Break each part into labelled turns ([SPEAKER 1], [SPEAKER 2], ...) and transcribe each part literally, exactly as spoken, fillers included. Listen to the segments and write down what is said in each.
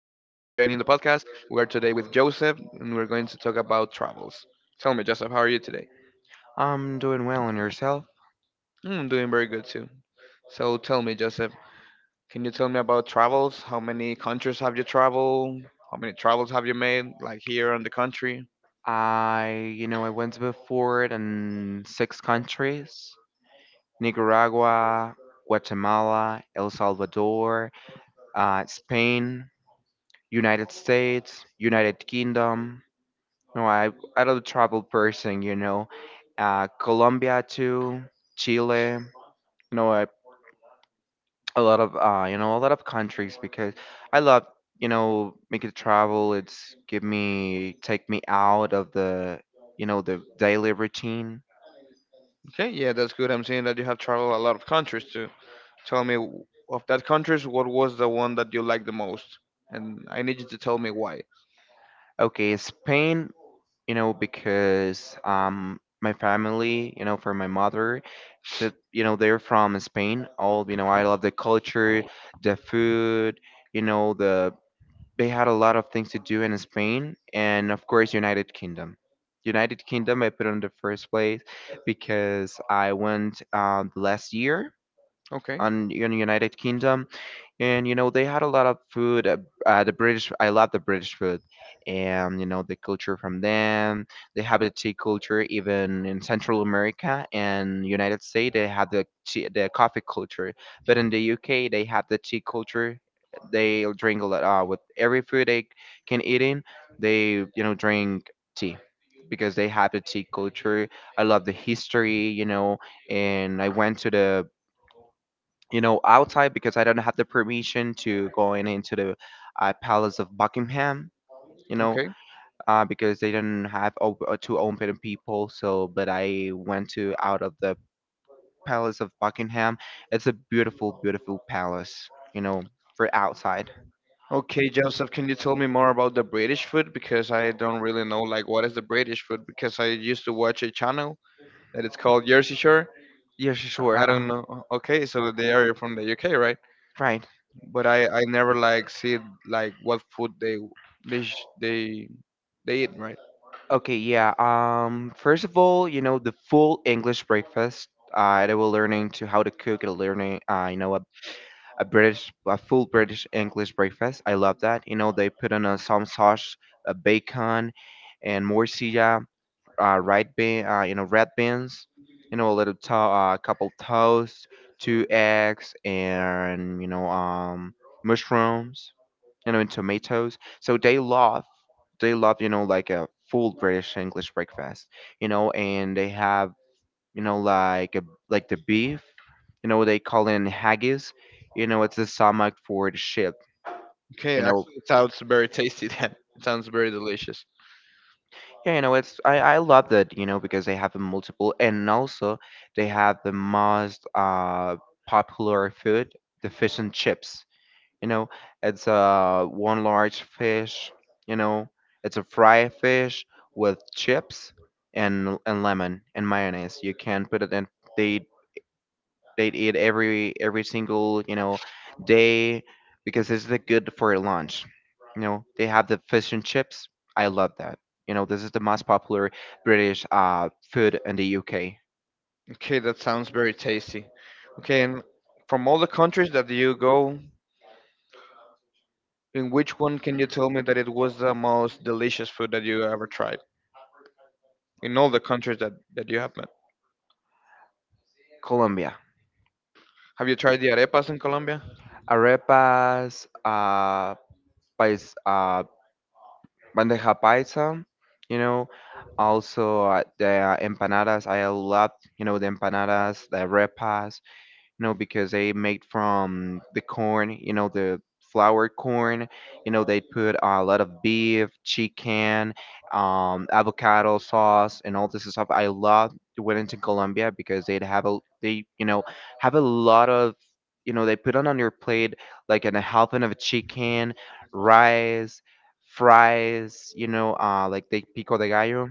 [SPEAKER 1] the podcast. We are today with Joseph, and we're going to talk about travels. Tell me, Joseph, how are you today?
[SPEAKER 2] I'm doing well and yourself?
[SPEAKER 1] Mm, I'm doing very good too. So, tell me, Joseph, can you tell me about travels? How many countries have you traveled? How many travels have you made, like here in the country?
[SPEAKER 2] I, you know, I went before it in six countries: Nicaragua, Guatemala, El Salvador, uh, Spain, United States, United Kingdom. No, I, I don't travel person, you know. Uh, Colombia too, Chile. You know, I a lot of uh you know a lot of countries because I love, you know making the travel. It's give me, take me out of the, you know the daily routine.
[SPEAKER 1] Okay, yeah, that's good. I'm seeing that you have traveled a lot of countries too. Tell me, w- of that countries, what was the one that you liked the most? And I need you to tell me why.
[SPEAKER 2] Okay, Spain. you know because, um my family, you know for my mother should, you know they're from Spain. All, you know I love the culture, the food, you know the they had a lot of things to do in Spain. And of course, United Kingdom. United Kingdom, I put on the first place because I went, uh, last year,
[SPEAKER 1] Okay.
[SPEAKER 2] on, in the United Kingdom. And you know they had a lot of food, uh, uh, the British. I love the British food. And you know the culture from them. They have the tea culture. Even in Central America and United States they have the tea, the coffee culture. But in the UK they have the tea culture. They drink a lot, uh, with every food they can eat in, they you know drink tea, because they have the tea culture. I love the history, you know and I went to the, you know, outside, because I don't have the permission to go in, into the, uh, Palace of Buckingham, you know,
[SPEAKER 1] Okay.
[SPEAKER 2] uh, because they didn't have op- uh, to open people. So, but I went to out of the Palace of Buckingham. It's a beautiful, beautiful palace, you know, for outside.
[SPEAKER 1] Okay, Joseph, can you tell me more about the British food? Because I don't really know like what is the British food because I used to watch a channel that it's called Jersey Shore.
[SPEAKER 2] Yeah,
[SPEAKER 1] I I
[SPEAKER 2] sure.
[SPEAKER 1] don't know. Okay, so they are from the U K, right?
[SPEAKER 2] Uh,
[SPEAKER 1] But I I never like see like what food they they sh- they they eat, right?
[SPEAKER 2] Okay, yeah. Um, first of all, you know the full English breakfast. Uh, they were learning to how to cook and learning, uh, you know, a, a British, a full British English breakfast. I love that. You know, they put on a some sauce, a bacon, and morcilla, uh, red bean, uh, you know, red beans. You know, a little to- uh, a couple toast, two eggs, and you know, um, mushrooms, you know, and tomatoes. So they love, they love, you know, like a full British English breakfast, you know, and they have, you know, like a, like the beef, you know, they call it haggis, you know, it's the stomach for the ship,
[SPEAKER 1] Okay,
[SPEAKER 2] you
[SPEAKER 1] that
[SPEAKER 2] know.
[SPEAKER 1] it sounds very tasty then. It sounds very delicious.
[SPEAKER 2] Yeah, you know, it's I I love that, you know, because they have a multiple. And also they have the most, uh popular food, the fish and chips, you know it's a one large fish, you know it's a fried fish with chips, and and lemon and mayonnaise you can put it in. they they eat every every single, you know day, because it's the good for lunch, you know they have the fish and chips. I love that, you know this is the most popular British, uh food in the UK.
[SPEAKER 1] Okay, that sounds very tasty. Okay, and from all the countries that you go, in which one can you tell me that it was the most delicious food that you ever tried in all the countries that, that you have met?
[SPEAKER 2] Colombia.
[SPEAKER 1] Have you tried the arepas in Colombia?
[SPEAKER 2] Arepas, uh, pais, uh, bandeja paisa, you know. Also, uh, the empanadas, I love, you know, the empanadas, the arepas, you know, because they made from the corn, you know, the flour corn. You know, they put a lot of beef, chicken, um, avocado sauce, and all this stuff. I love when it's in Colombia because they'd have a, they you know have a lot of, you know they put on on your plate like an, a helping of a chicken, rice, fries. You know, uh, like the pico de gallo,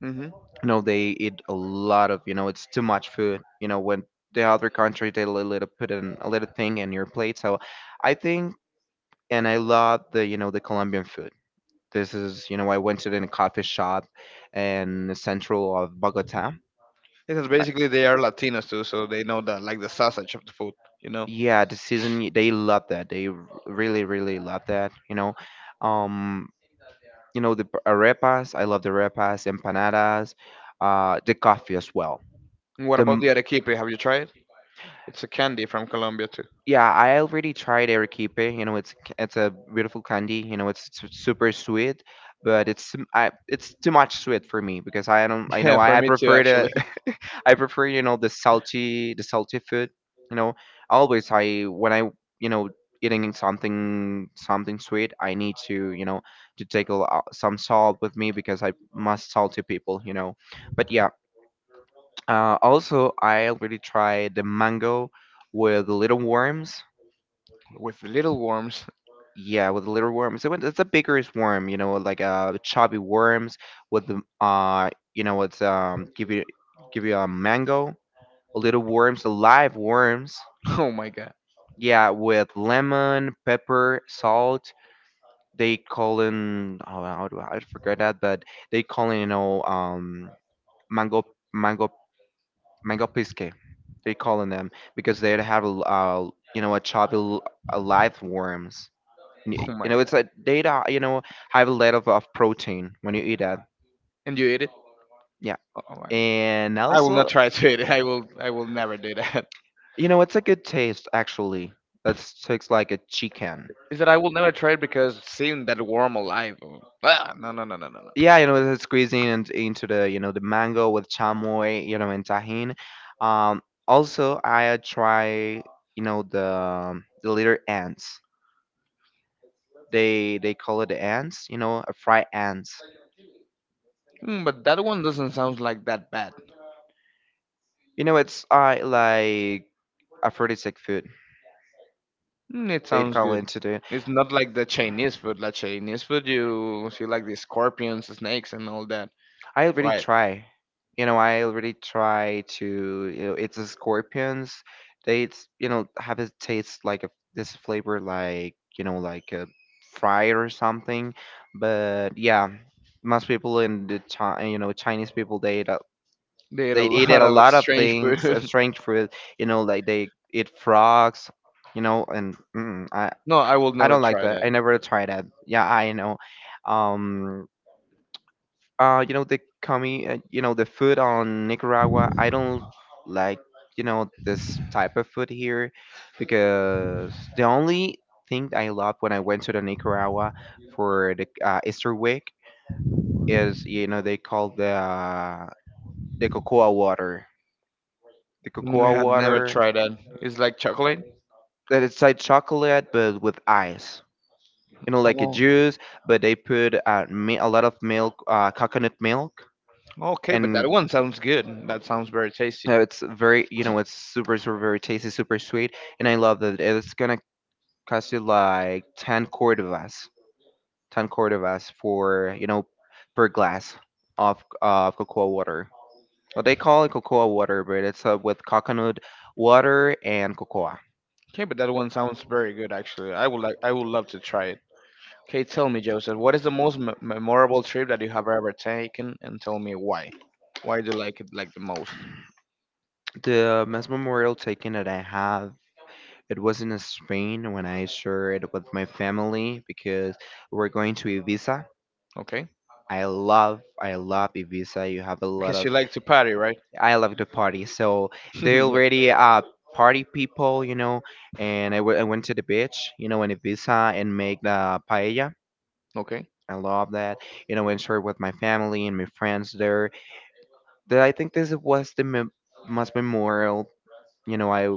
[SPEAKER 1] Hmm.
[SPEAKER 2] you know they eat a lot of, you know it's too much food, you know when the other country they li- little put in a little thing in your plate. So I think, and I love the, you know the Colombian food. This is, you know I went to the coffee shop in the central of Bogota.
[SPEAKER 1] Because
[SPEAKER 2] I-
[SPEAKER 1] basically they are Latinos too, so they know that like the sausage of the food, you know.
[SPEAKER 2] yeah, the season y- they love that, they r- really, really love that, you know um you know the p- arepas, I love the arepas, empanadas, uh the coffee as well.
[SPEAKER 1] And what
[SPEAKER 2] The
[SPEAKER 1] about
[SPEAKER 2] m-
[SPEAKER 1] the arequipe? Have you tried it? It's a candy from Colombia too.
[SPEAKER 2] yeah, I already tried arequipe. You know, it's c- it's a beautiful candy. You know, it's su- super sweet, but it's m- I, it's too much sweet for me because I don't. I know
[SPEAKER 1] Yeah, for
[SPEAKER 2] I, I
[SPEAKER 1] me too
[SPEAKER 2] prefer the
[SPEAKER 1] actually.
[SPEAKER 2] I prefer, you know the salty, the salty food. You know, always I when I, you know eating something something sweet, I need to, you know to take a, lo- some salt with me because I must salty people. You know, but yeah. Uh, also, I already tried the mango with the little worms.
[SPEAKER 1] With little worms.
[SPEAKER 2] Yeah, with the little worms. It went- it's the biggest worm, you know, like uh chubby worms with the, uh you know it's, um give you give you a mango, little worms, live worms.
[SPEAKER 1] Oh my god.
[SPEAKER 2] Yeah, with lemon, pepper, salt. They call in, oh how do I, I forget that, but they call in, you know um mango mango Megapisque, they call in them because they have a l- uh, you know a choppy l- uh, live worms. N-
[SPEAKER 1] Oh
[SPEAKER 2] You
[SPEAKER 1] my
[SPEAKER 2] know,
[SPEAKER 1] god.
[SPEAKER 2] it's a data. You know, have a lot of, of protein when you eat that.
[SPEAKER 1] And you eat it?
[SPEAKER 2] Yeah,
[SPEAKER 1] Oh, oh, I
[SPEAKER 2] and
[SPEAKER 1] I will not
[SPEAKER 2] also,
[SPEAKER 1] try to eat it. I will. I will never do that.
[SPEAKER 2] you know, it's a good taste actually. That tastes like a chicken.
[SPEAKER 1] Is that I will never try it because seeing that worm alive. Oh, ah, no, no, no, no, no, no.
[SPEAKER 2] Yeah, you know, it's squeezing and into the, you know the mango with chamoy, you know, and tajin. Um, also, I uh, try, you know the the little ants. They they call it ants, you know, a fried ants.
[SPEAKER 1] Mm, but that one doesn't sound like that bad.
[SPEAKER 2] You know, it's uh like aphrodisiac food.
[SPEAKER 1] Mm, it
[SPEAKER 2] They
[SPEAKER 1] sounds
[SPEAKER 2] call
[SPEAKER 1] good.
[SPEAKER 2] it to do.
[SPEAKER 1] It's not like the Chinese food. Like Chinese food, you see like the scorpions, snakes, and all that.
[SPEAKER 2] I already
[SPEAKER 1] Right.
[SPEAKER 2] try. You know, I already try to. You know, it's a scorpions. They it's, you know have it taste like a this flavor like you know like a fry or something. But yeah, most people in the Chi, you know Chinese people, they...
[SPEAKER 1] They eat
[SPEAKER 2] they
[SPEAKER 1] a
[SPEAKER 2] eat at
[SPEAKER 1] lot
[SPEAKER 2] a
[SPEAKER 1] of
[SPEAKER 2] lot of
[SPEAKER 1] strange
[SPEAKER 2] things of
[SPEAKER 1] food.
[SPEAKER 2] strange fruit. You know, like they eat frogs. You know, and mm, I
[SPEAKER 1] No, I will
[SPEAKER 2] I
[SPEAKER 1] never
[SPEAKER 2] don't like
[SPEAKER 1] try
[SPEAKER 2] that. I
[SPEAKER 1] that.
[SPEAKER 2] never tried that. Yeah, I know. Um, uh, you know the comi, uh, you know the food on Nicaragua. I don't like, you know, this type of food here, because the only thing I loved when I went to the Nicaragua for the, uh, Easter week is, you know, they call the, uh, the cocoa water. the
[SPEAKER 1] Mm,
[SPEAKER 2] cocoa
[SPEAKER 1] I have never
[SPEAKER 2] water
[SPEAKER 1] tried that. It's like chocolate.
[SPEAKER 2] that it's like chocolate but with ice, you know like a
[SPEAKER 1] Oh,
[SPEAKER 2] juice, but they put, uh, mi- a lot of milk, uh, coconut milk,
[SPEAKER 1] okay, but
[SPEAKER 2] and,
[SPEAKER 1] that one sounds good. That sounds very tasty.
[SPEAKER 2] uh, it's very, you know it's super super very tasty, super sweet, and I love that. It's gonna cost you like 10 cordovas, 10 cordovas for, you know per glass of of cocoa water. Well, they call it cocoa water but it's, uh, with coconut water and cocoa.
[SPEAKER 1] Okay, but that one sounds very good actually. I would like, I would love to try it. Okay, tell me, Joseph, what is the most me- memorable trip that you have ever taken, and tell me why. Why do you like it like the most?
[SPEAKER 2] The mass memorial taken that I have, it was in Spain when I shared it with my family because we're going to Ibiza.
[SPEAKER 1] Okay,
[SPEAKER 2] I love, I love Ibiza. You have a lot
[SPEAKER 1] because
[SPEAKER 2] of.
[SPEAKER 1] you like to party, right?
[SPEAKER 2] I love the party. So they
[SPEAKER 1] Yeah.
[SPEAKER 2] already, uh party people, you know. And I w- I went to the beach, you know, in Ibiza and make the paella.
[SPEAKER 1] Okay.
[SPEAKER 2] I love that, you know, and share with my family and my friends there. The, I think this was the mem- most memorial, you know, I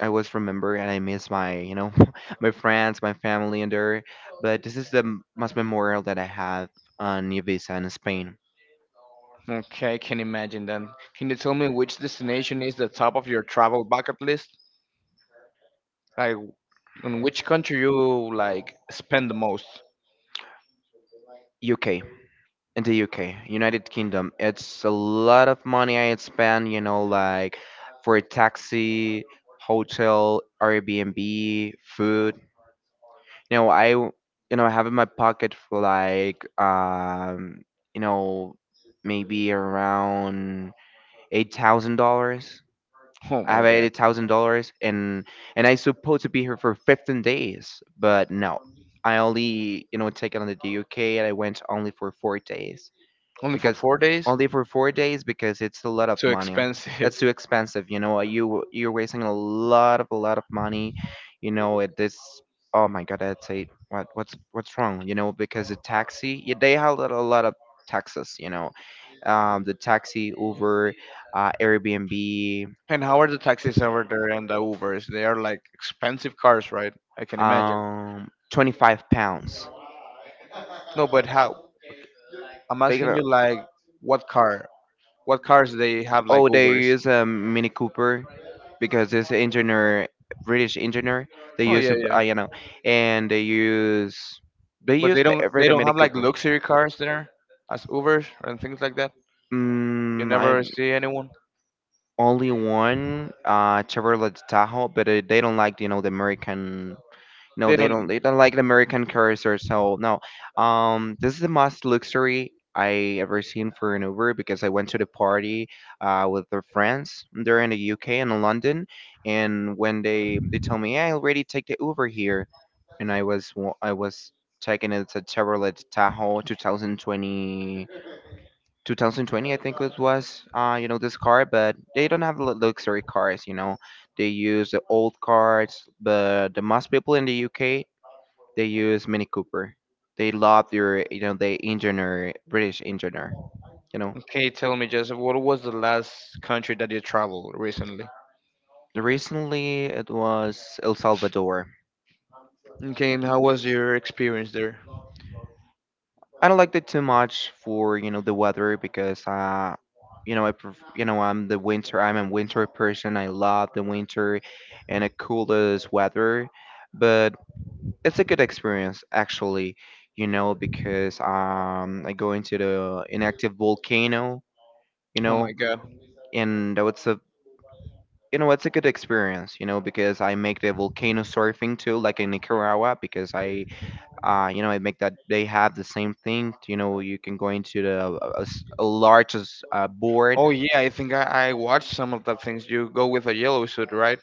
[SPEAKER 2] I always remember, and I miss my, you know, my friends, my family, and there. But this is the m- most memorial that I have on Ibiza in Spain.
[SPEAKER 1] Okay, I can imagine that. Can you tell me which destination is the top of your travel bucket list? Like, in which country you like spend the most?
[SPEAKER 2] U K, in the U K, United Kingdom. It's a lot of money I spend, you know, like for a taxi, hotel, Airbnb, food. You know, I, w- you know, I have in my pocket for like, um, you know, maybe around eight thousand dollars.
[SPEAKER 1] Oh
[SPEAKER 2] I
[SPEAKER 1] my
[SPEAKER 2] have eighty
[SPEAKER 1] god.
[SPEAKER 2] thousand dollars, and and I supposed to be here for fifteen days, but no, I only, you know taken on the U K, and I went only for four days
[SPEAKER 1] Only for
[SPEAKER 2] because
[SPEAKER 1] four days?
[SPEAKER 2] only for four days because it's a lot of
[SPEAKER 1] Too
[SPEAKER 2] money. It's
[SPEAKER 1] expensive.
[SPEAKER 2] too expensive, you know. You you're wasting a lot of a lot of money, you know. At this, oh my God, I'd say what what's what's wrong, you know, because the taxi yeah, they have a lot a lot of taxes, you know, um, the taxi, Uber, uh, Airbnb.
[SPEAKER 1] And how are the taxis over there and the Ubers? They are like expensive cars, right? I can imagine.
[SPEAKER 2] um twenty-five pounds.
[SPEAKER 1] No, but how? I'm
[SPEAKER 2] They got
[SPEAKER 1] asking
[SPEAKER 2] a,
[SPEAKER 1] you like what car? What cars they have like
[SPEAKER 2] oh they
[SPEAKER 1] Ubers?
[SPEAKER 2] use a Mini Cooper because it's an engineer, British engineer. They
[SPEAKER 1] Oh
[SPEAKER 2] use
[SPEAKER 1] yeah,
[SPEAKER 2] a, uh,
[SPEAKER 1] yeah.
[SPEAKER 2] you know and they use, they
[SPEAKER 1] But
[SPEAKER 2] use
[SPEAKER 1] they don't
[SPEAKER 2] every
[SPEAKER 1] they don't
[SPEAKER 2] Mini
[SPEAKER 1] have like
[SPEAKER 2] Cooper.
[SPEAKER 1] luxury cars there as Ubers and things like that. You
[SPEAKER 2] Mm, I
[SPEAKER 1] never see anyone.
[SPEAKER 2] only one, uh Chevrolet Tahoe, but, uh, they don't like, you know the American. No,
[SPEAKER 1] They
[SPEAKER 2] they don't.
[SPEAKER 1] don't.
[SPEAKER 2] They don't like the American cars or so. No, um, this is the most luxury I ever seen for an Uber because I went to the party, uh, with their friends. They're in the U K and in London, and when they they told me, "Yeah, I already take the Uber here," and I was wa- I was taking it to Chevrolet Tahoe twenty twenty, two thousand twenty I think it was. Uh, you know this car, but they don't have lu- luxury cars. You know, they use the old cars, but the most people in the U K they use Mini Cooper. They love their, you know, the engineer, British engineer. You know,
[SPEAKER 1] Okay, tell me, Joseph, what was the last country that you traveled recently?
[SPEAKER 2] Recently it was El Salvador.
[SPEAKER 1] Okay, and how was your experience there?
[SPEAKER 2] I don't like it too much for you know the weather, because uh you know I pref- you know I'm the winter I'm a winter person. I love the winter and the coolest weather, but it's a good experience actually, you know because um I go into the inactive volcano, you
[SPEAKER 1] Oh
[SPEAKER 2] know,
[SPEAKER 1] my God.
[SPEAKER 2] and it's a you know it's a good experience, you know because I make the volcano surfing too, like in Nicaragua, because I uh you know I make that. They have the same thing, you know you can go into the a, a s- a large as- uh, board.
[SPEAKER 1] Oh yeah, I think I, I watched some of the things. You go with a yellow suit, right?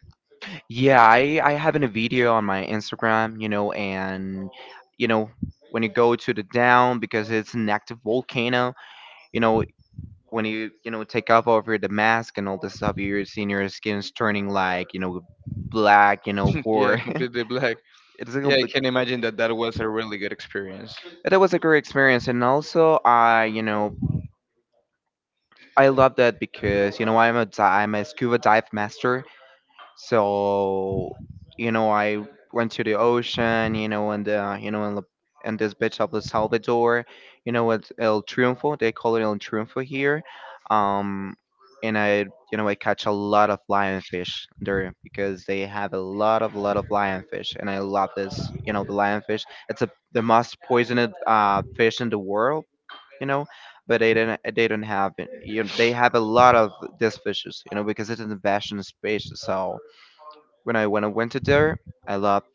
[SPEAKER 2] Yeah, i i have in a video on my Instagram, you know and you know when you go to the down because it's an active volcano. you know when you you know take off over the mask and all this stuff, you're seeing your skin's turning like, you know black. You know
[SPEAKER 1] Yeah,
[SPEAKER 2] for
[SPEAKER 1] completely black.
[SPEAKER 2] It's a
[SPEAKER 1] Yeah, I
[SPEAKER 2] complete.
[SPEAKER 1] can imagine that that was a really good experience.
[SPEAKER 2] That was a great experience, and also I you know I love that, because you know I'm a di- I'm a scuba dive master. So, you know, I went to the ocean, you know, and uh, you know, in, La- in this beach of El Salvador, you know, at El Triunfo. They call it El Triunfo here. Um, and I, you know, I catch a lot of lionfish there, because they have a lot of lot of lionfish, and I love this. You know, the lionfish. It's a the most poisoned uh, fish in the world. You know, but they don't. They don't have it. You know, they have a lot of these fishes. You know, because it's an invasive species. So when I when I went to there, I loved,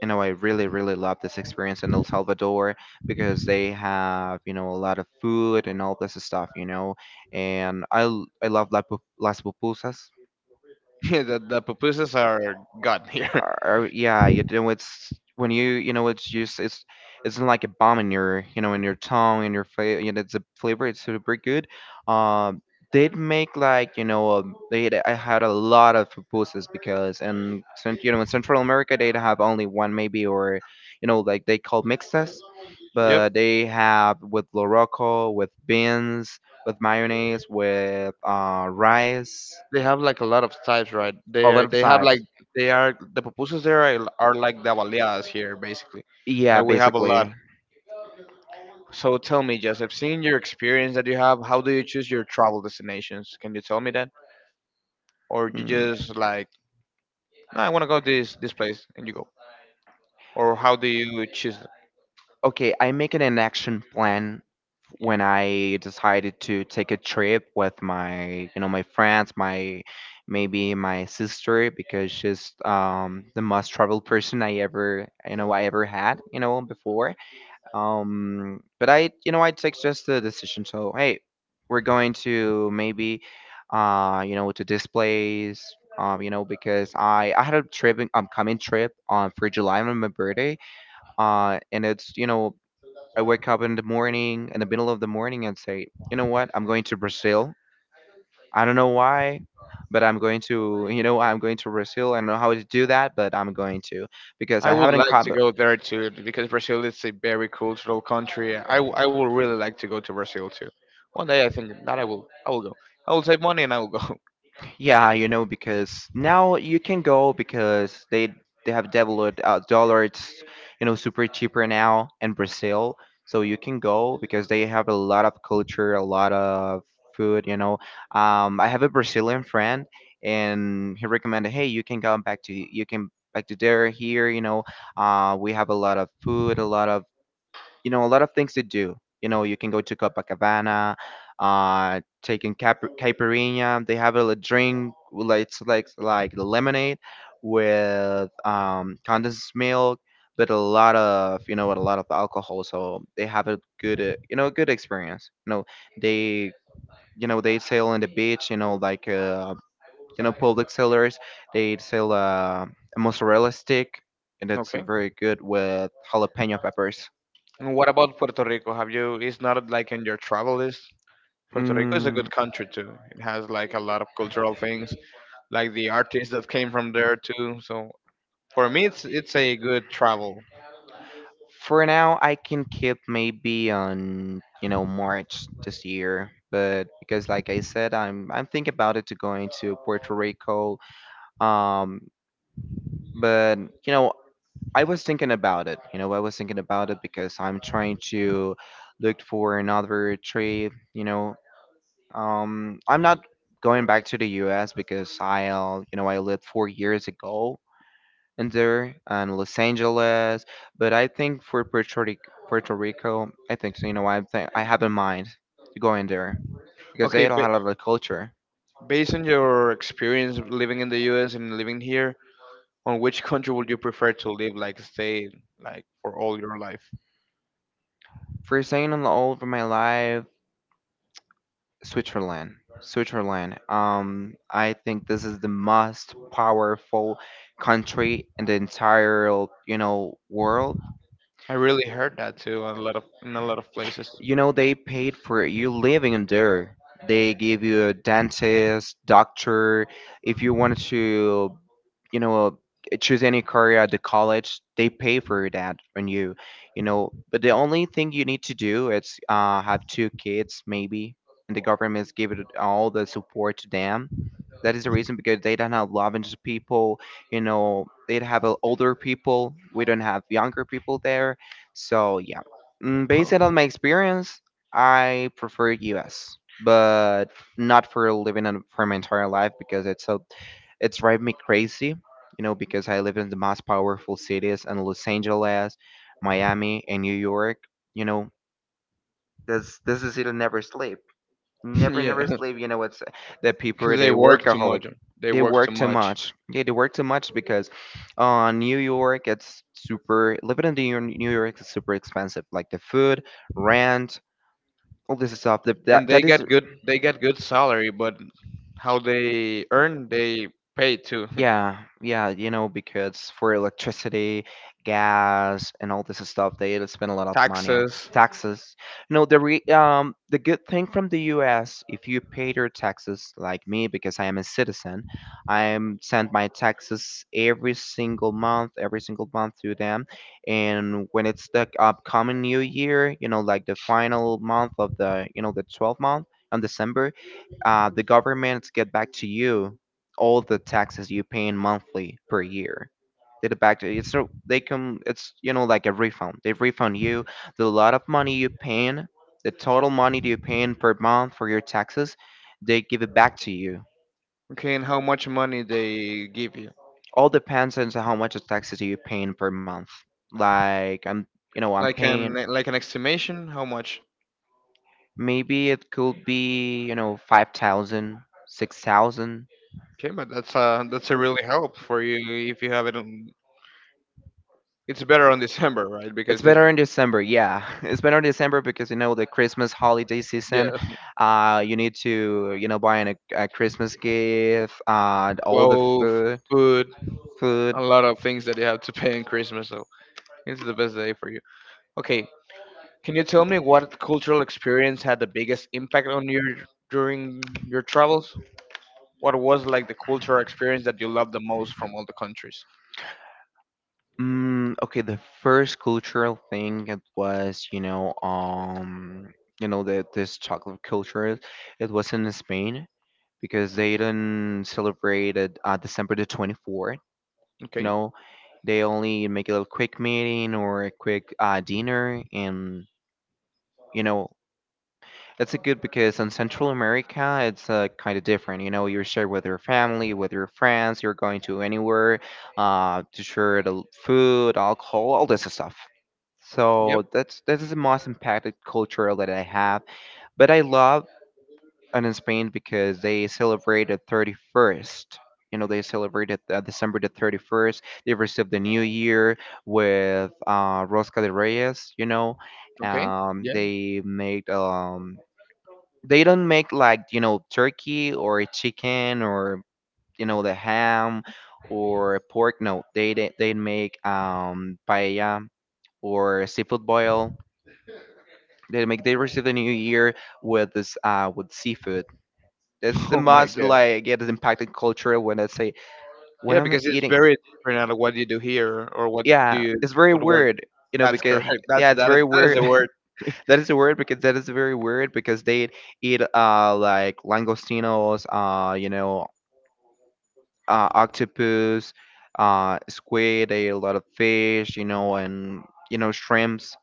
[SPEAKER 2] you know I really, really loved this experience in El Salvador, because they have, you know a lot of food and all this stuff, you know, and I l- I love la pu- las pupusas.
[SPEAKER 1] Yeah, the, the pupusas are god here.
[SPEAKER 2] Or, yeah, you know it's when you you know it's just, it's it's like a bomb in your, you know in your tongue, in your face. You know, it's a flavor. It's super good. Um, they make like, you know um, they I had a lot of pupusas, because, and you know in Central America they'd have only one maybe, or you know like they call mixtas,
[SPEAKER 1] Yep.
[SPEAKER 2] but they have with loroco, with beans, with mayonnaise, with uh rice,
[SPEAKER 1] They have like a lot of types, right? They
[SPEAKER 2] all
[SPEAKER 1] are-
[SPEAKER 2] that
[SPEAKER 1] they have like
[SPEAKER 2] types.
[SPEAKER 1] they are the pupusas there are, are like the baleadas here, basically.
[SPEAKER 2] Yeah,
[SPEAKER 1] And we have a lot.
[SPEAKER 2] basically.
[SPEAKER 1] So tell me, Joseph, seeing your experience that you have, how do you choose your travel destinations? Can you tell me that, or you
[SPEAKER 2] Mm,
[SPEAKER 1] just like, "No, I want to go this this place, and you go, or how do you choose?
[SPEAKER 2] okay, I make an action plan when I decided to take a trip with my, you know, my friends, my maybe my sister, because she's um the most traveled person I ever, you know, I ever had, you know, before. Um, but I, you know, I take just the decision. So, hey, we're going to maybe, uh, you know, to this place. Um, you know, because I I had a trip, um, coming trip um for July on my birthday. Uh, and it's, you know, I wake up in the morning, in the middle of the morning, and say, you know what, I'm going to Brazil. I don't know why, but I'm going to, you know, I'm going to Brazil. I don't know how to do that, but I'm going to, because
[SPEAKER 1] I
[SPEAKER 2] I
[SPEAKER 1] would
[SPEAKER 2] haven't
[SPEAKER 1] like to
[SPEAKER 2] come.
[SPEAKER 1] go there too because Brazil is a very cultural country. I, w- I would really like to go to Brazil too. One day I think that I will I will go. I will save money and I will go.
[SPEAKER 2] Yeah, you know, because now you can go, because they they have developed uh, dollars, you know super cheaper now in Brazil. So you can go, because they have a lot of culture, a lot of food. You know, um, I have a Brazilian friend, and he recommended, hey, you can come back to, you can back to there here. You know, uh, we have a lot of food, a lot of, you know a lot of things to do. You know you can go to Copacabana, uh taking cap- caipirinha. They have a li- drink, like it's like like the lemonade with um condensed milk, but a lot of, you know with a lot of alcohol. So they have a good uh, you know a good experience. You know they, you know they sail on the beach, you know like uh you know public sellers. They sell uh, a mozzarella stick, and it's
[SPEAKER 1] Okay.
[SPEAKER 2] very good with jalapeno peppers.
[SPEAKER 1] And what about Puerto Rico? Have you? It's not like in your travel list. Puerto Rico is a
[SPEAKER 2] Mm,
[SPEAKER 1] good country too. It has like a lot of cultural things, like the artists that came from there too. So for me, it's it's a good travel.
[SPEAKER 2] for now, I can keep maybe on, you know March this year, but because like I said, I'm I'm thinking about it to going to Puerto Rico. Um, but you know, I was thinking about it. You know, I was thinking about it because I'm trying to look for another trip. You know, um, I'm not going back to the U S, because I'll, you know I lived four years ago, and there and Los Angeles. But I think for Puerto Rico, Puerto Rico, I think so. You know, I think I have in mind to go in there, because
[SPEAKER 1] Okay,
[SPEAKER 2] they don't
[SPEAKER 1] ba
[SPEAKER 2] have a lot of culture.
[SPEAKER 1] based on your experience living in the U S and living here, on which country would you prefer to live, like stay, like for all your life?
[SPEAKER 2] For saying on the all over my life, Switzerland. Switzerland. Um, I think this is the most powerful country in the entire, you know, world.
[SPEAKER 1] I really heard that too, a lot of in a lot of places.
[SPEAKER 2] You know they paid for you living in there. They gave you a dentist, doctor, if you wanted to, you know choose any career at the college. They pay for that on you. You know But the only thing you need to do is uh, have two kids maybe, and the government is giving all the support to them. That is the reason because they don't have Lavender people, you know, they'd have uh, older people. We don't have younger people there. So, yeah, Mm, based on my experience, I prefer U S. But not for living in, for my entire life, because it's so, it's drive me crazy, you know, because I live in the most powerful cities in Los Angeles, Miami, and New York. You know, this this is it. Never sleep, never
[SPEAKER 1] Yeah,
[SPEAKER 2] never sleep. You know, it's the
[SPEAKER 1] because
[SPEAKER 2] people
[SPEAKER 1] they
[SPEAKER 2] they
[SPEAKER 1] work too
[SPEAKER 2] workaholic.
[SPEAKER 1] much. They
[SPEAKER 2] They
[SPEAKER 1] work too
[SPEAKER 2] work too
[SPEAKER 1] much,
[SPEAKER 2] much. Yeah, they work too much, because uh, New York, it's super, living in New York, New York is super expensive. Like the food, rent, all this stuff. That,
[SPEAKER 1] and
[SPEAKER 2] that,
[SPEAKER 1] they
[SPEAKER 2] that
[SPEAKER 1] get
[SPEAKER 2] is,
[SPEAKER 1] good. They get good salary, but how they earn, they pay too.
[SPEAKER 2] yeah, yeah, you know, because for electricity, gas, and all this stuff, they spend a lot of money on
[SPEAKER 1] Taxes.
[SPEAKER 2] taxes. No, the re um the good thing from the U S, if you pay your taxes like me, because I am a citizen, I am send my taxes every single month, every single month to them, and when it's the upcoming new year, you know, like the final month of the, you know the twelfth month on December, uh, the government get back to you all the taxes you pay monthly per year. They get back to you. So they come. It's, you know like a refund. They refund you the lot of money you paying, the total money that you paying per month for your taxes. They give it back to you.
[SPEAKER 1] Okay, and how much money they give you?
[SPEAKER 2] All depends on how much of taxes you paying per month. Like I'm, you know, I'm
[SPEAKER 1] Like
[SPEAKER 2] paying.
[SPEAKER 1] an like an estimation, how much?
[SPEAKER 2] Maybe it could be, you know, five thousand, six thousand.
[SPEAKER 1] Okay, but that's uh that's a really help for you if you have it. On, it's better on December, right?
[SPEAKER 2] It's
[SPEAKER 1] Because it's
[SPEAKER 2] better in December, yeah. It's better in December, because you know the Christmas holiday season.
[SPEAKER 1] yeah.
[SPEAKER 2] Uh, you need to, you know buying a, a Christmas gift, uh, and all the
[SPEAKER 1] Clothes,
[SPEAKER 2] food,
[SPEAKER 1] food,
[SPEAKER 2] food.
[SPEAKER 1] a lot of things that you have to pay in Christmas. So it's the best day for you. Okay, can you tell me what cultural experience had the biggest impact on you during your travels? What was like the cultural experience that you loved the most from all the countries?
[SPEAKER 2] Mm, okay, the first cultural thing it was, you know, um, you know, the this chocolate culture. It was in Spain, because they didn't celebrate it, uh, December the twenty-fourth, you
[SPEAKER 1] Okay.
[SPEAKER 2] know. They only make a little quick meeting, or a quick uh, dinner, and, you know, that's a good, because in Central America, it's uh, kind of different. You know, you're shared with your family, with your friends, you're going to anywhere uh, to share the l- food, alcohol, all this stuff.
[SPEAKER 1] Yep.
[SPEAKER 2] So that's, that is the most impacted culture that I have. But I love, and in Spain, because they celebrate the thirty-first. You know, they celebrate it, uh, December the thirty-first. They receive the New Year with uh, Rosca de Reyes. You know,
[SPEAKER 1] Okay.
[SPEAKER 2] um,
[SPEAKER 1] Yeah.
[SPEAKER 2] they make um, they don't make like, you know turkey, or chicken, or you know the ham, or pork. No, they they, they make um paella, or seafood boil. They make, they receive the new year with this, uh with seafood. That's the
[SPEAKER 1] Oh my
[SPEAKER 2] most
[SPEAKER 1] god.
[SPEAKER 2] like it is impacted culture. When I say, when
[SPEAKER 1] Yeah,
[SPEAKER 2] I'm
[SPEAKER 1] because it's
[SPEAKER 2] eating,
[SPEAKER 1] very different out of what you do here or what do
[SPEAKER 2] yeah,
[SPEAKER 1] you
[SPEAKER 2] it's very
[SPEAKER 1] what word.
[SPEAKER 2] weird, you know
[SPEAKER 1] That's
[SPEAKER 2] because
[SPEAKER 1] correct. That's
[SPEAKER 2] yeah, it's
[SPEAKER 1] that. Is,
[SPEAKER 2] very
[SPEAKER 1] that is the
[SPEAKER 2] weird.
[SPEAKER 1] word.
[SPEAKER 2] That is weird, because that is very weird, because they eat uh like langostinos, uh you know, uh octopus, uh squid. They eat a lot of fish, you know, and, you know shrimps.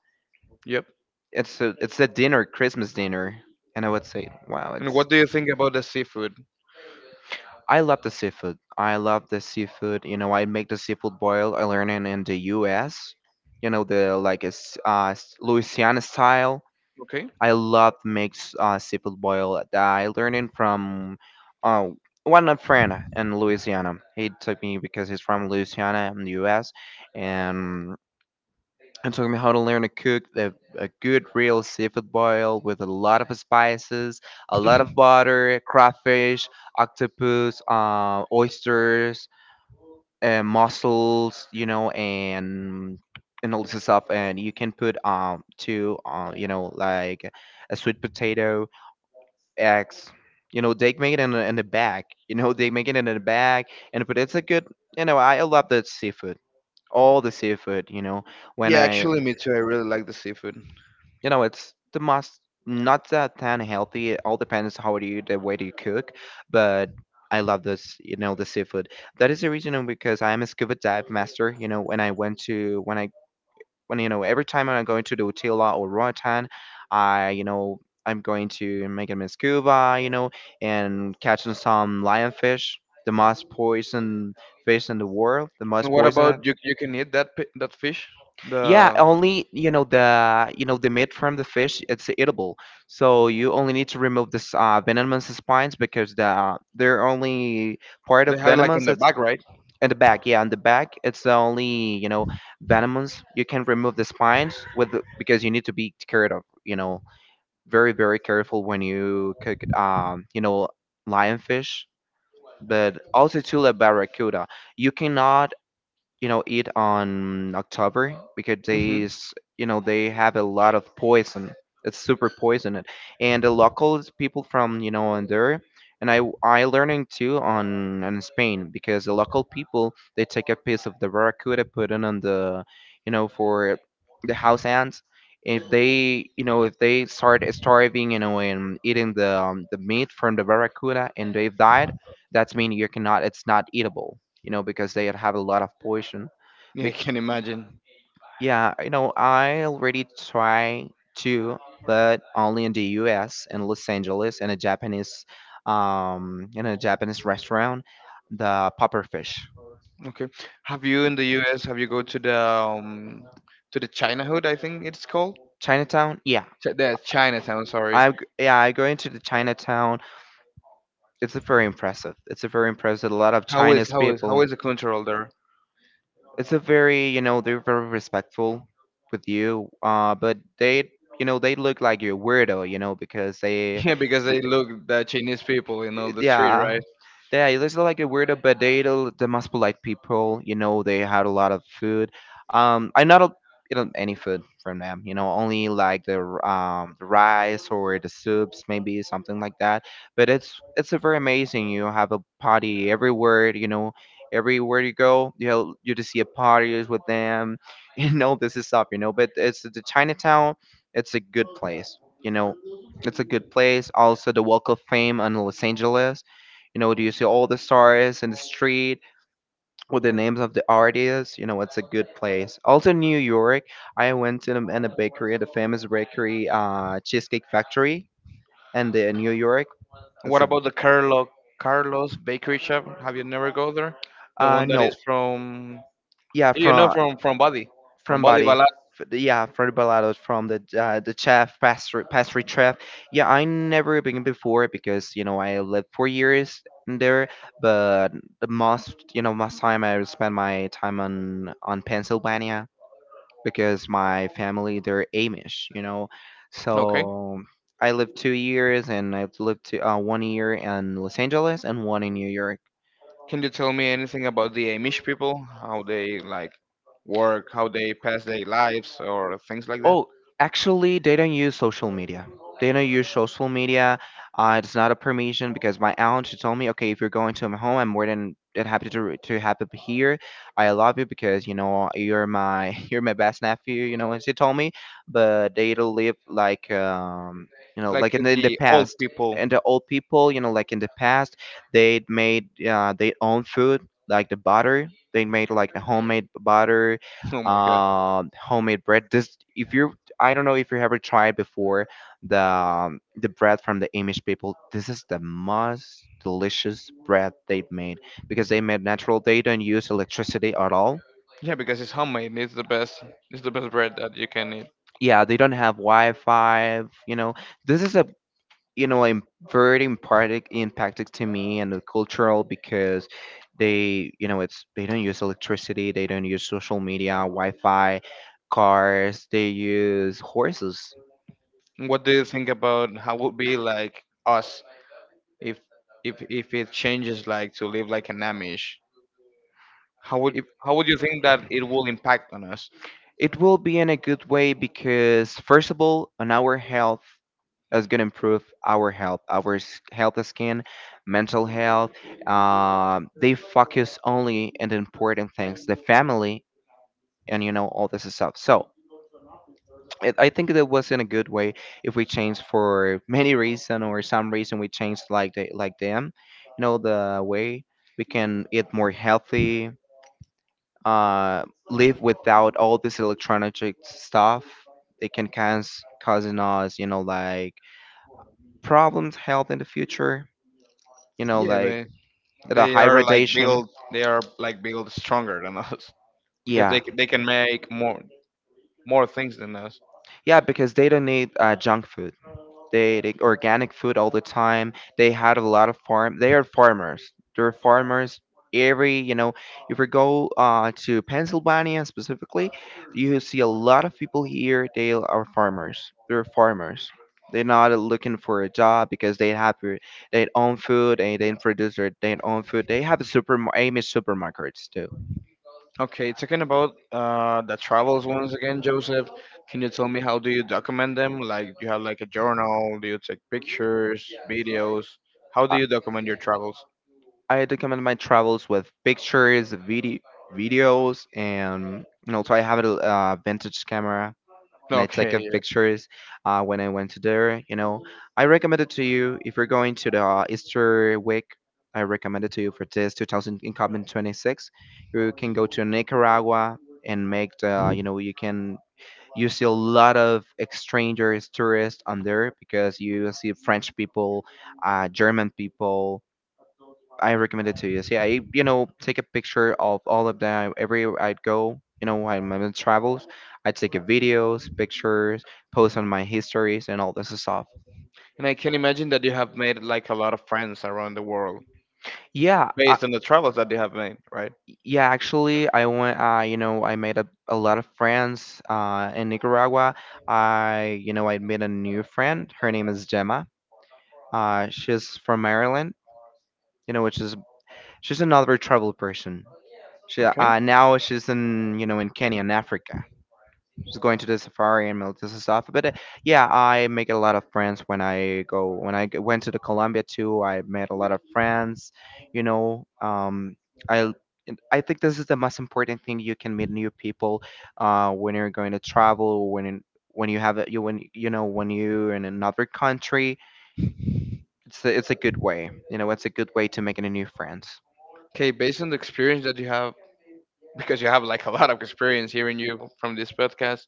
[SPEAKER 1] Yep.
[SPEAKER 2] It's a, it's a dinner, Christmas dinner, and I would say, wow,
[SPEAKER 1] And
[SPEAKER 2] it's.
[SPEAKER 1] what do you think about the seafood?
[SPEAKER 2] I love the seafood. I love the seafood. You know, I make the seafood boil. I learned it in the U S. You know the like it's uh, s- Louisiana style.
[SPEAKER 1] Okay.
[SPEAKER 2] I love makes make uh, seafood boil. I learned it from uh, one of friend in Louisiana. He took me because he's from Louisiana in the U S And it took me how to learn to cook a, a good real seafood boil with a lot of spices, a lot of butter, crawfish, octopus, uh, oysters, uh, mussels, you know, and and all this stuff. And you can put um to uh, you know like a sweet potato, eggs. You know, they make it in a, in the bag. You know, they make it in the bag, and but it's a good. You know, I love the seafood, all the seafood. You know, when
[SPEAKER 1] Yeah,
[SPEAKER 2] I,
[SPEAKER 1] actually, me too. I really like the seafood.
[SPEAKER 2] you know, it's the most not that tan healthy. It all depends how do you the way do you cook, but I love this. You know, the seafood. That is the reason because I am a scuba dive master. You know, when I went to when I when you know every time I'm going to the Utila or Roatan, I you know I'm going to make it in scuba, you know, and catching some lionfish, the most poison fish in the world, the
[SPEAKER 1] And
[SPEAKER 2] most
[SPEAKER 1] what
[SPEAKER 2] poisonous.
[SPEAKER 1] about you? You can eat that pi- that fish.
[SPEAKER 2] Yeah,
[SPEAKER 1] The
[SPEAKER 2] only you know the you know the meat from the fish it's eatable. So you only need to remove this uh, venomous spines because the they're only part
[SPEAKER 1] they
[SPEAKER 2] of
[SPEAKER 1] have it like in
[SPEAKER 2] venomous.
[SPEAKER 1] the
[SPEAKER 2] It's
[SPEAKER 1] back, right?
[SPEAKER 2] in the back, yeah, in the back, it's the only you know venomous. You can remove the spines with the- because you need to be carried of. You know, very very careful when you cook um you know lionfish, but also to the barracuda. You cannot you know eat on October because
[SPEAKER 1] Hmm.
[SPEAKER 2] they s- you know they have a lot of poison. It's super poisonous, and the local people from you know on there, and I I learning too on in Spain because the local people they take a piece of the barracuda, put it on the you know for the house ants. If they you know if they start starving you know and eating the um, the meat from the barracuda and they've died, that's mean you cannot it's not eatable you know, because they have a lot of poison.
[SPEAKER 1] Yeah, I
[SPEAKER 2] Bec-
[SPEAKER 1] can imagine.
[SPEAKER 2] yeah, you know, I already try to, but only in the U S in Los Angeles in a Japanese, um, in a Japanese restaurant, the popper fish.
[SPEAKER 1] Okay. Have you in the U S. Have you go to the um, to the China Hood? I think it's called.
[SPEAKER 2] Chinatown, yeah,
[SPEAKER 1] Ch- the Chinatown. Sorry.
[SPEAKER 2] I g- yeah I go into the Chinatown. It's a very impressive. It's a very impressive. A lot of
[SPEAKER 1] How is
[SPEAKER 2] Chinese
[SPEAKER 1] how is how
[SPEAKER 2] people.
[SPEAKER 1] is the cultural there?
[SPEAKER 2] It's a very you know they're very respectful with you uh but they you know they look like you're weirdo you know because they
[SPEAKER 1] Yeah, because
[SPEAKER 2] d-
[SPEAKER 1] they look the Chinese people in all the street,
[SPEAKER 2] yeah,
[SPEAKER 1] right?
[SPEAKER 2] yeah, they look like a weirdo but they the the most polite people you know they had a lot of food. um I not eat any food from them you know only like the r- um the rice or the soups maybe something like that but it's it's a very amazing. You have a party everywhere you know everywhere you go you know you just see a parties with them you know this is up you know but it's the Chinatown. It's a good place you know. It's a good place also the Walk of Fame in Los Angeles. You know, do you see all the stars in the street with the names of the artists. You know, it's a good place also New York. I went to in a bakery, the famous bakery, uh Cheesecake Factory, and in New York, it's
[SPEAKER 1] What
[SPEAKER 2] a
[SPEAKER 1] about the Carlo Carlos Bakery Shop? Have you never go there? The
[SPEAKER 2] uh,
[SPEAKER 1] one that
[SPEAKER 2] no.
[SPEAKER 1] is from
[SPEAKER 2] Yeah,
[SPEAKER 1] you know
[SPEAKER 2] from
[SPEAKER 1] from from Bali, from
[SPEAKER 2] from
[SPEAKER 1] Bali
[SPEAKER 2] body.
[SPEAKER 1] Balat.
[SPEAKER 2] F- yeah, from the balados, from the uh, the chef pastry pastry chef. Yeah, I never been before because you know I lived four years in there, but the most you know most time I spend my time on on Pennsylvania because my family they're Amish you know.
[SPEAKER 1] Okay.
[SPEAKER 2] So I lived two years and I lived to, uh, one year in Los Angeles and one in New York.
[SPEAKER 1] Can you tell me anything about the Amish people? How they like work? How they pass their lives or things like that?
[SPEAKER 2] Oh, actually, they don't use social media. They don't use social media. Uh, it's not a permission because my aunt she told me, okay, if you're going to my home, I'm more than than happy to to have it here. I love you because you know you're my you're my best nephew. You know, and she told me, but they don't live like um you know
[SPEAKER 1] Like
[SPEAKER 2] like in the, in the
[SPEAKER 1] the old
[SPEAKER 2] past.
[SPEAKER 1] people.
[SPEAKER 2] And the old people, you know, like in the past, they made uh, their own food, like the butter. They made like the homemade butter,
[SPEAKER 1] Oh my god.
[SPEAKER 2] um, homemade bread. This, if you, I don't know if you ever tried before, the um, the bread from the Amish people. This is the most delicious bread they've made because they made natural. They don't use electricity at all.
[SPEAKER 1] Yeah, because it's homemade. It's the best. It's the best bread that you can eat.
[SPEAKER 2] Yeah, they don't have Wi-Fi. You know, this is a you know im- very important, impacted to me and the cultural because they you know it's they don't use electricity, they don't use social media, Wi-Fi, cars. They use horses.
[SPEAKER 1] What do you think about how would be like us if if if it changes like to live like an Amish? How would
[SPEAKER 2] If-
[SPEAKER 1] how would you think that it will impact on us?
[SPEAKER 2] It will be in a good way because, first of all, on our health is going to improve our health, our s- health of skin, mental health. Um, they focus only on the important things, the family, and you know all this stuff. So it, I think that was in a good way if we change for many reason or some reason we change like they, like them, you know the way we can eat more healthy, uh, live without all this electronic stuff. It can cause causing us, you know, like problems, health in the future. You know,
[SPEAKER 1] Yeah,
[SPEAKER 2] like
[SPEAKER 1] but
[SPEAKER 2] the
[SPEAKER 1] they
[SPEAKER 2] high
[SPEAKER 1] are like
[SPEAKER 2] radiation.
[SPEAKER 1] built they are like built stronger than us because
[SPEAKER 2] Yeah,
[SPEAKER 1] they c- they can make more more things than us.
[SPEAKER 2] yeah, because they don't need uh, junk food. They they organic food all the time. They had a lot of farm. They are farmers. They're farmers. Every you know, if we go uh, to Pennsylvania specifically, you see a lot of people here. They are farmers. They're farmers. They're not looking for a job because they have their their own food and they produce their, their own food. They have super Amish supermarkets too.
[SPEAKER 1] Okay, talking about uh, the travels once again, Joseph, can you tell me how do you document them? Like, do you have like a journal? Do you take pictures, videos? How
[SPEAKER 2] Uh,
[SPEAKER 1] do you document your travels?
[SPEAKER 2] I document my travels with pictures, video, videos, and you know, so I have a uh, vintage camera and I take
[SPEAKER 1] Okay,
[SPEAKER 2] up
[SPEAKER 1] yeah.
[SPEAKER 2] pictures uh, when I went to there. You know, I recommend it to you if you're going to the uh, Easter week. I recommend it to you for this twenty twenty-six. You can go to Nicaragua and make the you know you can you see a lot of strangers tourists on there because you see French people, uh, German people, I recommend it to you. See, I you know take a picture of all of them everywhere I'd go. You know, when I'm in travels, I take a videos, pictures, post on my histories, and all this stuff.
[SPEAKER 1] And I can imagine that you have made like a lot of friends around the world
[SPEAKER 2] Yeah, I,
[SPEAKER 1] based on the travels that you have made, right?
[SPEAKER 2] yeah. Actually, I went. Uh, you know, I made a, a lot of friends. Uh, in Nicaragua, I you know I made a new friend. Her name is Gemma. Uh, she's from Maryland. You know, which is she's another travel person. She
[SPEAKER 1] Okay.
[SPEAKER 2] uh, now she's in you know in Kenya in Africa, just going to the safari and all this stuff. But uh, yeah, I make a lot of friends when I go. When I g- went to the Colombia too, I met a lot of friends. You know, um, I l- and I think this is the most important thing. You can meet new people uh, when you're going to travel. When in- when you have a- you when you know when you're in another country, it's a, it's a good way. You know, it's a good way to make any new friends.
[SPEAKER 1] Okay, based on the experience that you have, because you have like a lot of experience hearing you from this podcast,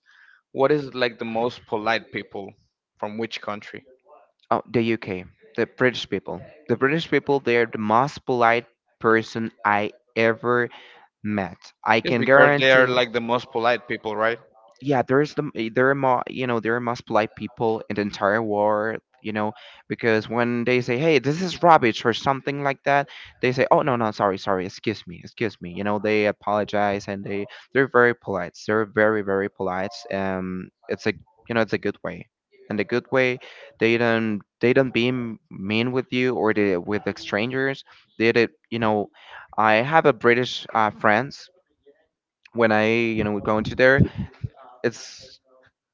[SPEAKER 1] what is like the most polite people from which country?
[SPEAKER 2] Oh, the U K, the British people. The British people, they're the most polite person I ever met. I
[SPEAKER 1] Yes,
[SPEAKER 2] can
[SPEAKER 1] because they are
[SPEAKER 2] guarantee.
[SPEAKER 1] like the most polite people, right?
[SPEAKER 2] Yeah, there's the m- there are more you know there are most polite people in the entire world. You know, because when they say, "Hey, this is rubbish" or something like that, they say, "Oh no, no, sorry, sorry, excuse me, excuse me." You know, they apologize and they they're very polite. They're very very polite. Um, it's a you know it's a good way. And a good way, they don't they don't be mean with you or they with the strangers. They did you know I have a British uh, friends. When I you know go into there, it's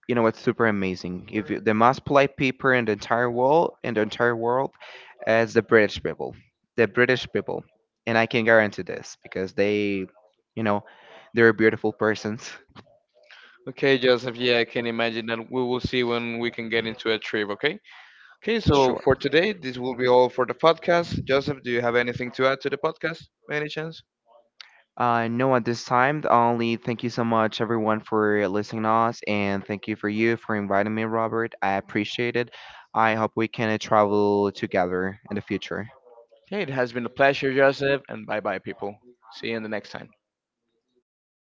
[SPEAKER 2] you know it's super amazing. If you, the most polite people in the entire world in the entire world is the British people, the British people, and I can guarantee this because they, you know, they're beautiful persons.
[SPEAKER 1] Okay, Joseph, yeah, I can imagine that we will see when we can get into a trip, okay? Okay, so
[SPEAKER 2] Sure.
[SPEAKER 1] for today, this will be all for the podcast. Joseph, do you have anything to add to the podcast by any chance?
[SPEAKER 2] Uh, no, at this time, only thank you so much, everyone, for listening to us, and thank you for you for inviting me, Robert. I appreciate it. I hope we can uh, travel together in the future.
[SPEAKER 1] Okay, it has been a pleasure, Joseph, and bye bye, people. See you in the next time.